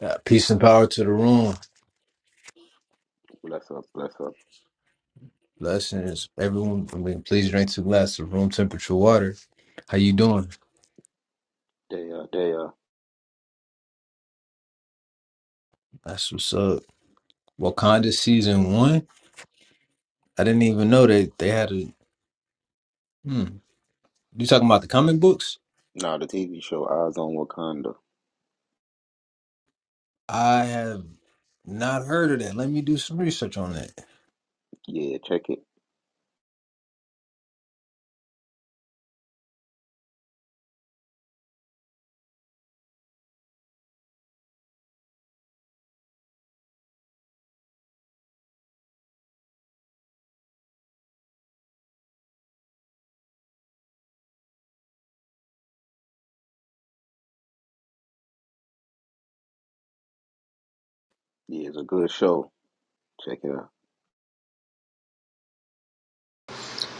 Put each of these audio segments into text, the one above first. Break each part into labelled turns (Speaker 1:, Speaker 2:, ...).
Speaker 1: Uh, peace and power to the room.
Speaker 2: Bless up, bless up.
Speaker 1: Blessings, everyone. I mean, please drink two glasses of room temperature water. How you doing?
Speaker 2: They uh, they uh.
Speaker 1: That's what's up. Wakanda season one. I didn't even know they they had a. Hmm. You talking about the comic books?
Speaker 2: Nah, the TV show Eyes on Wakanda.
Speaker 1: I have not heard of that. Let me do some research on that.
Speaker 2: Yeah, check it. Yeah, it's a good show. Check it out.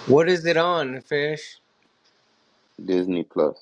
Speaker 3: What is it on, fish?
Speaker 2: Disney Plus.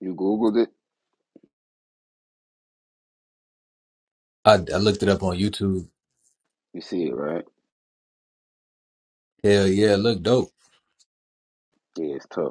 Speaker 2: You Googled it,
Speaker 1: I, I looked it up on YouTube.
Speaker 2: you see it, right?
Speaker 1: Hell yeah, it looked dope.
Speaker 2: Yeah, it's tough.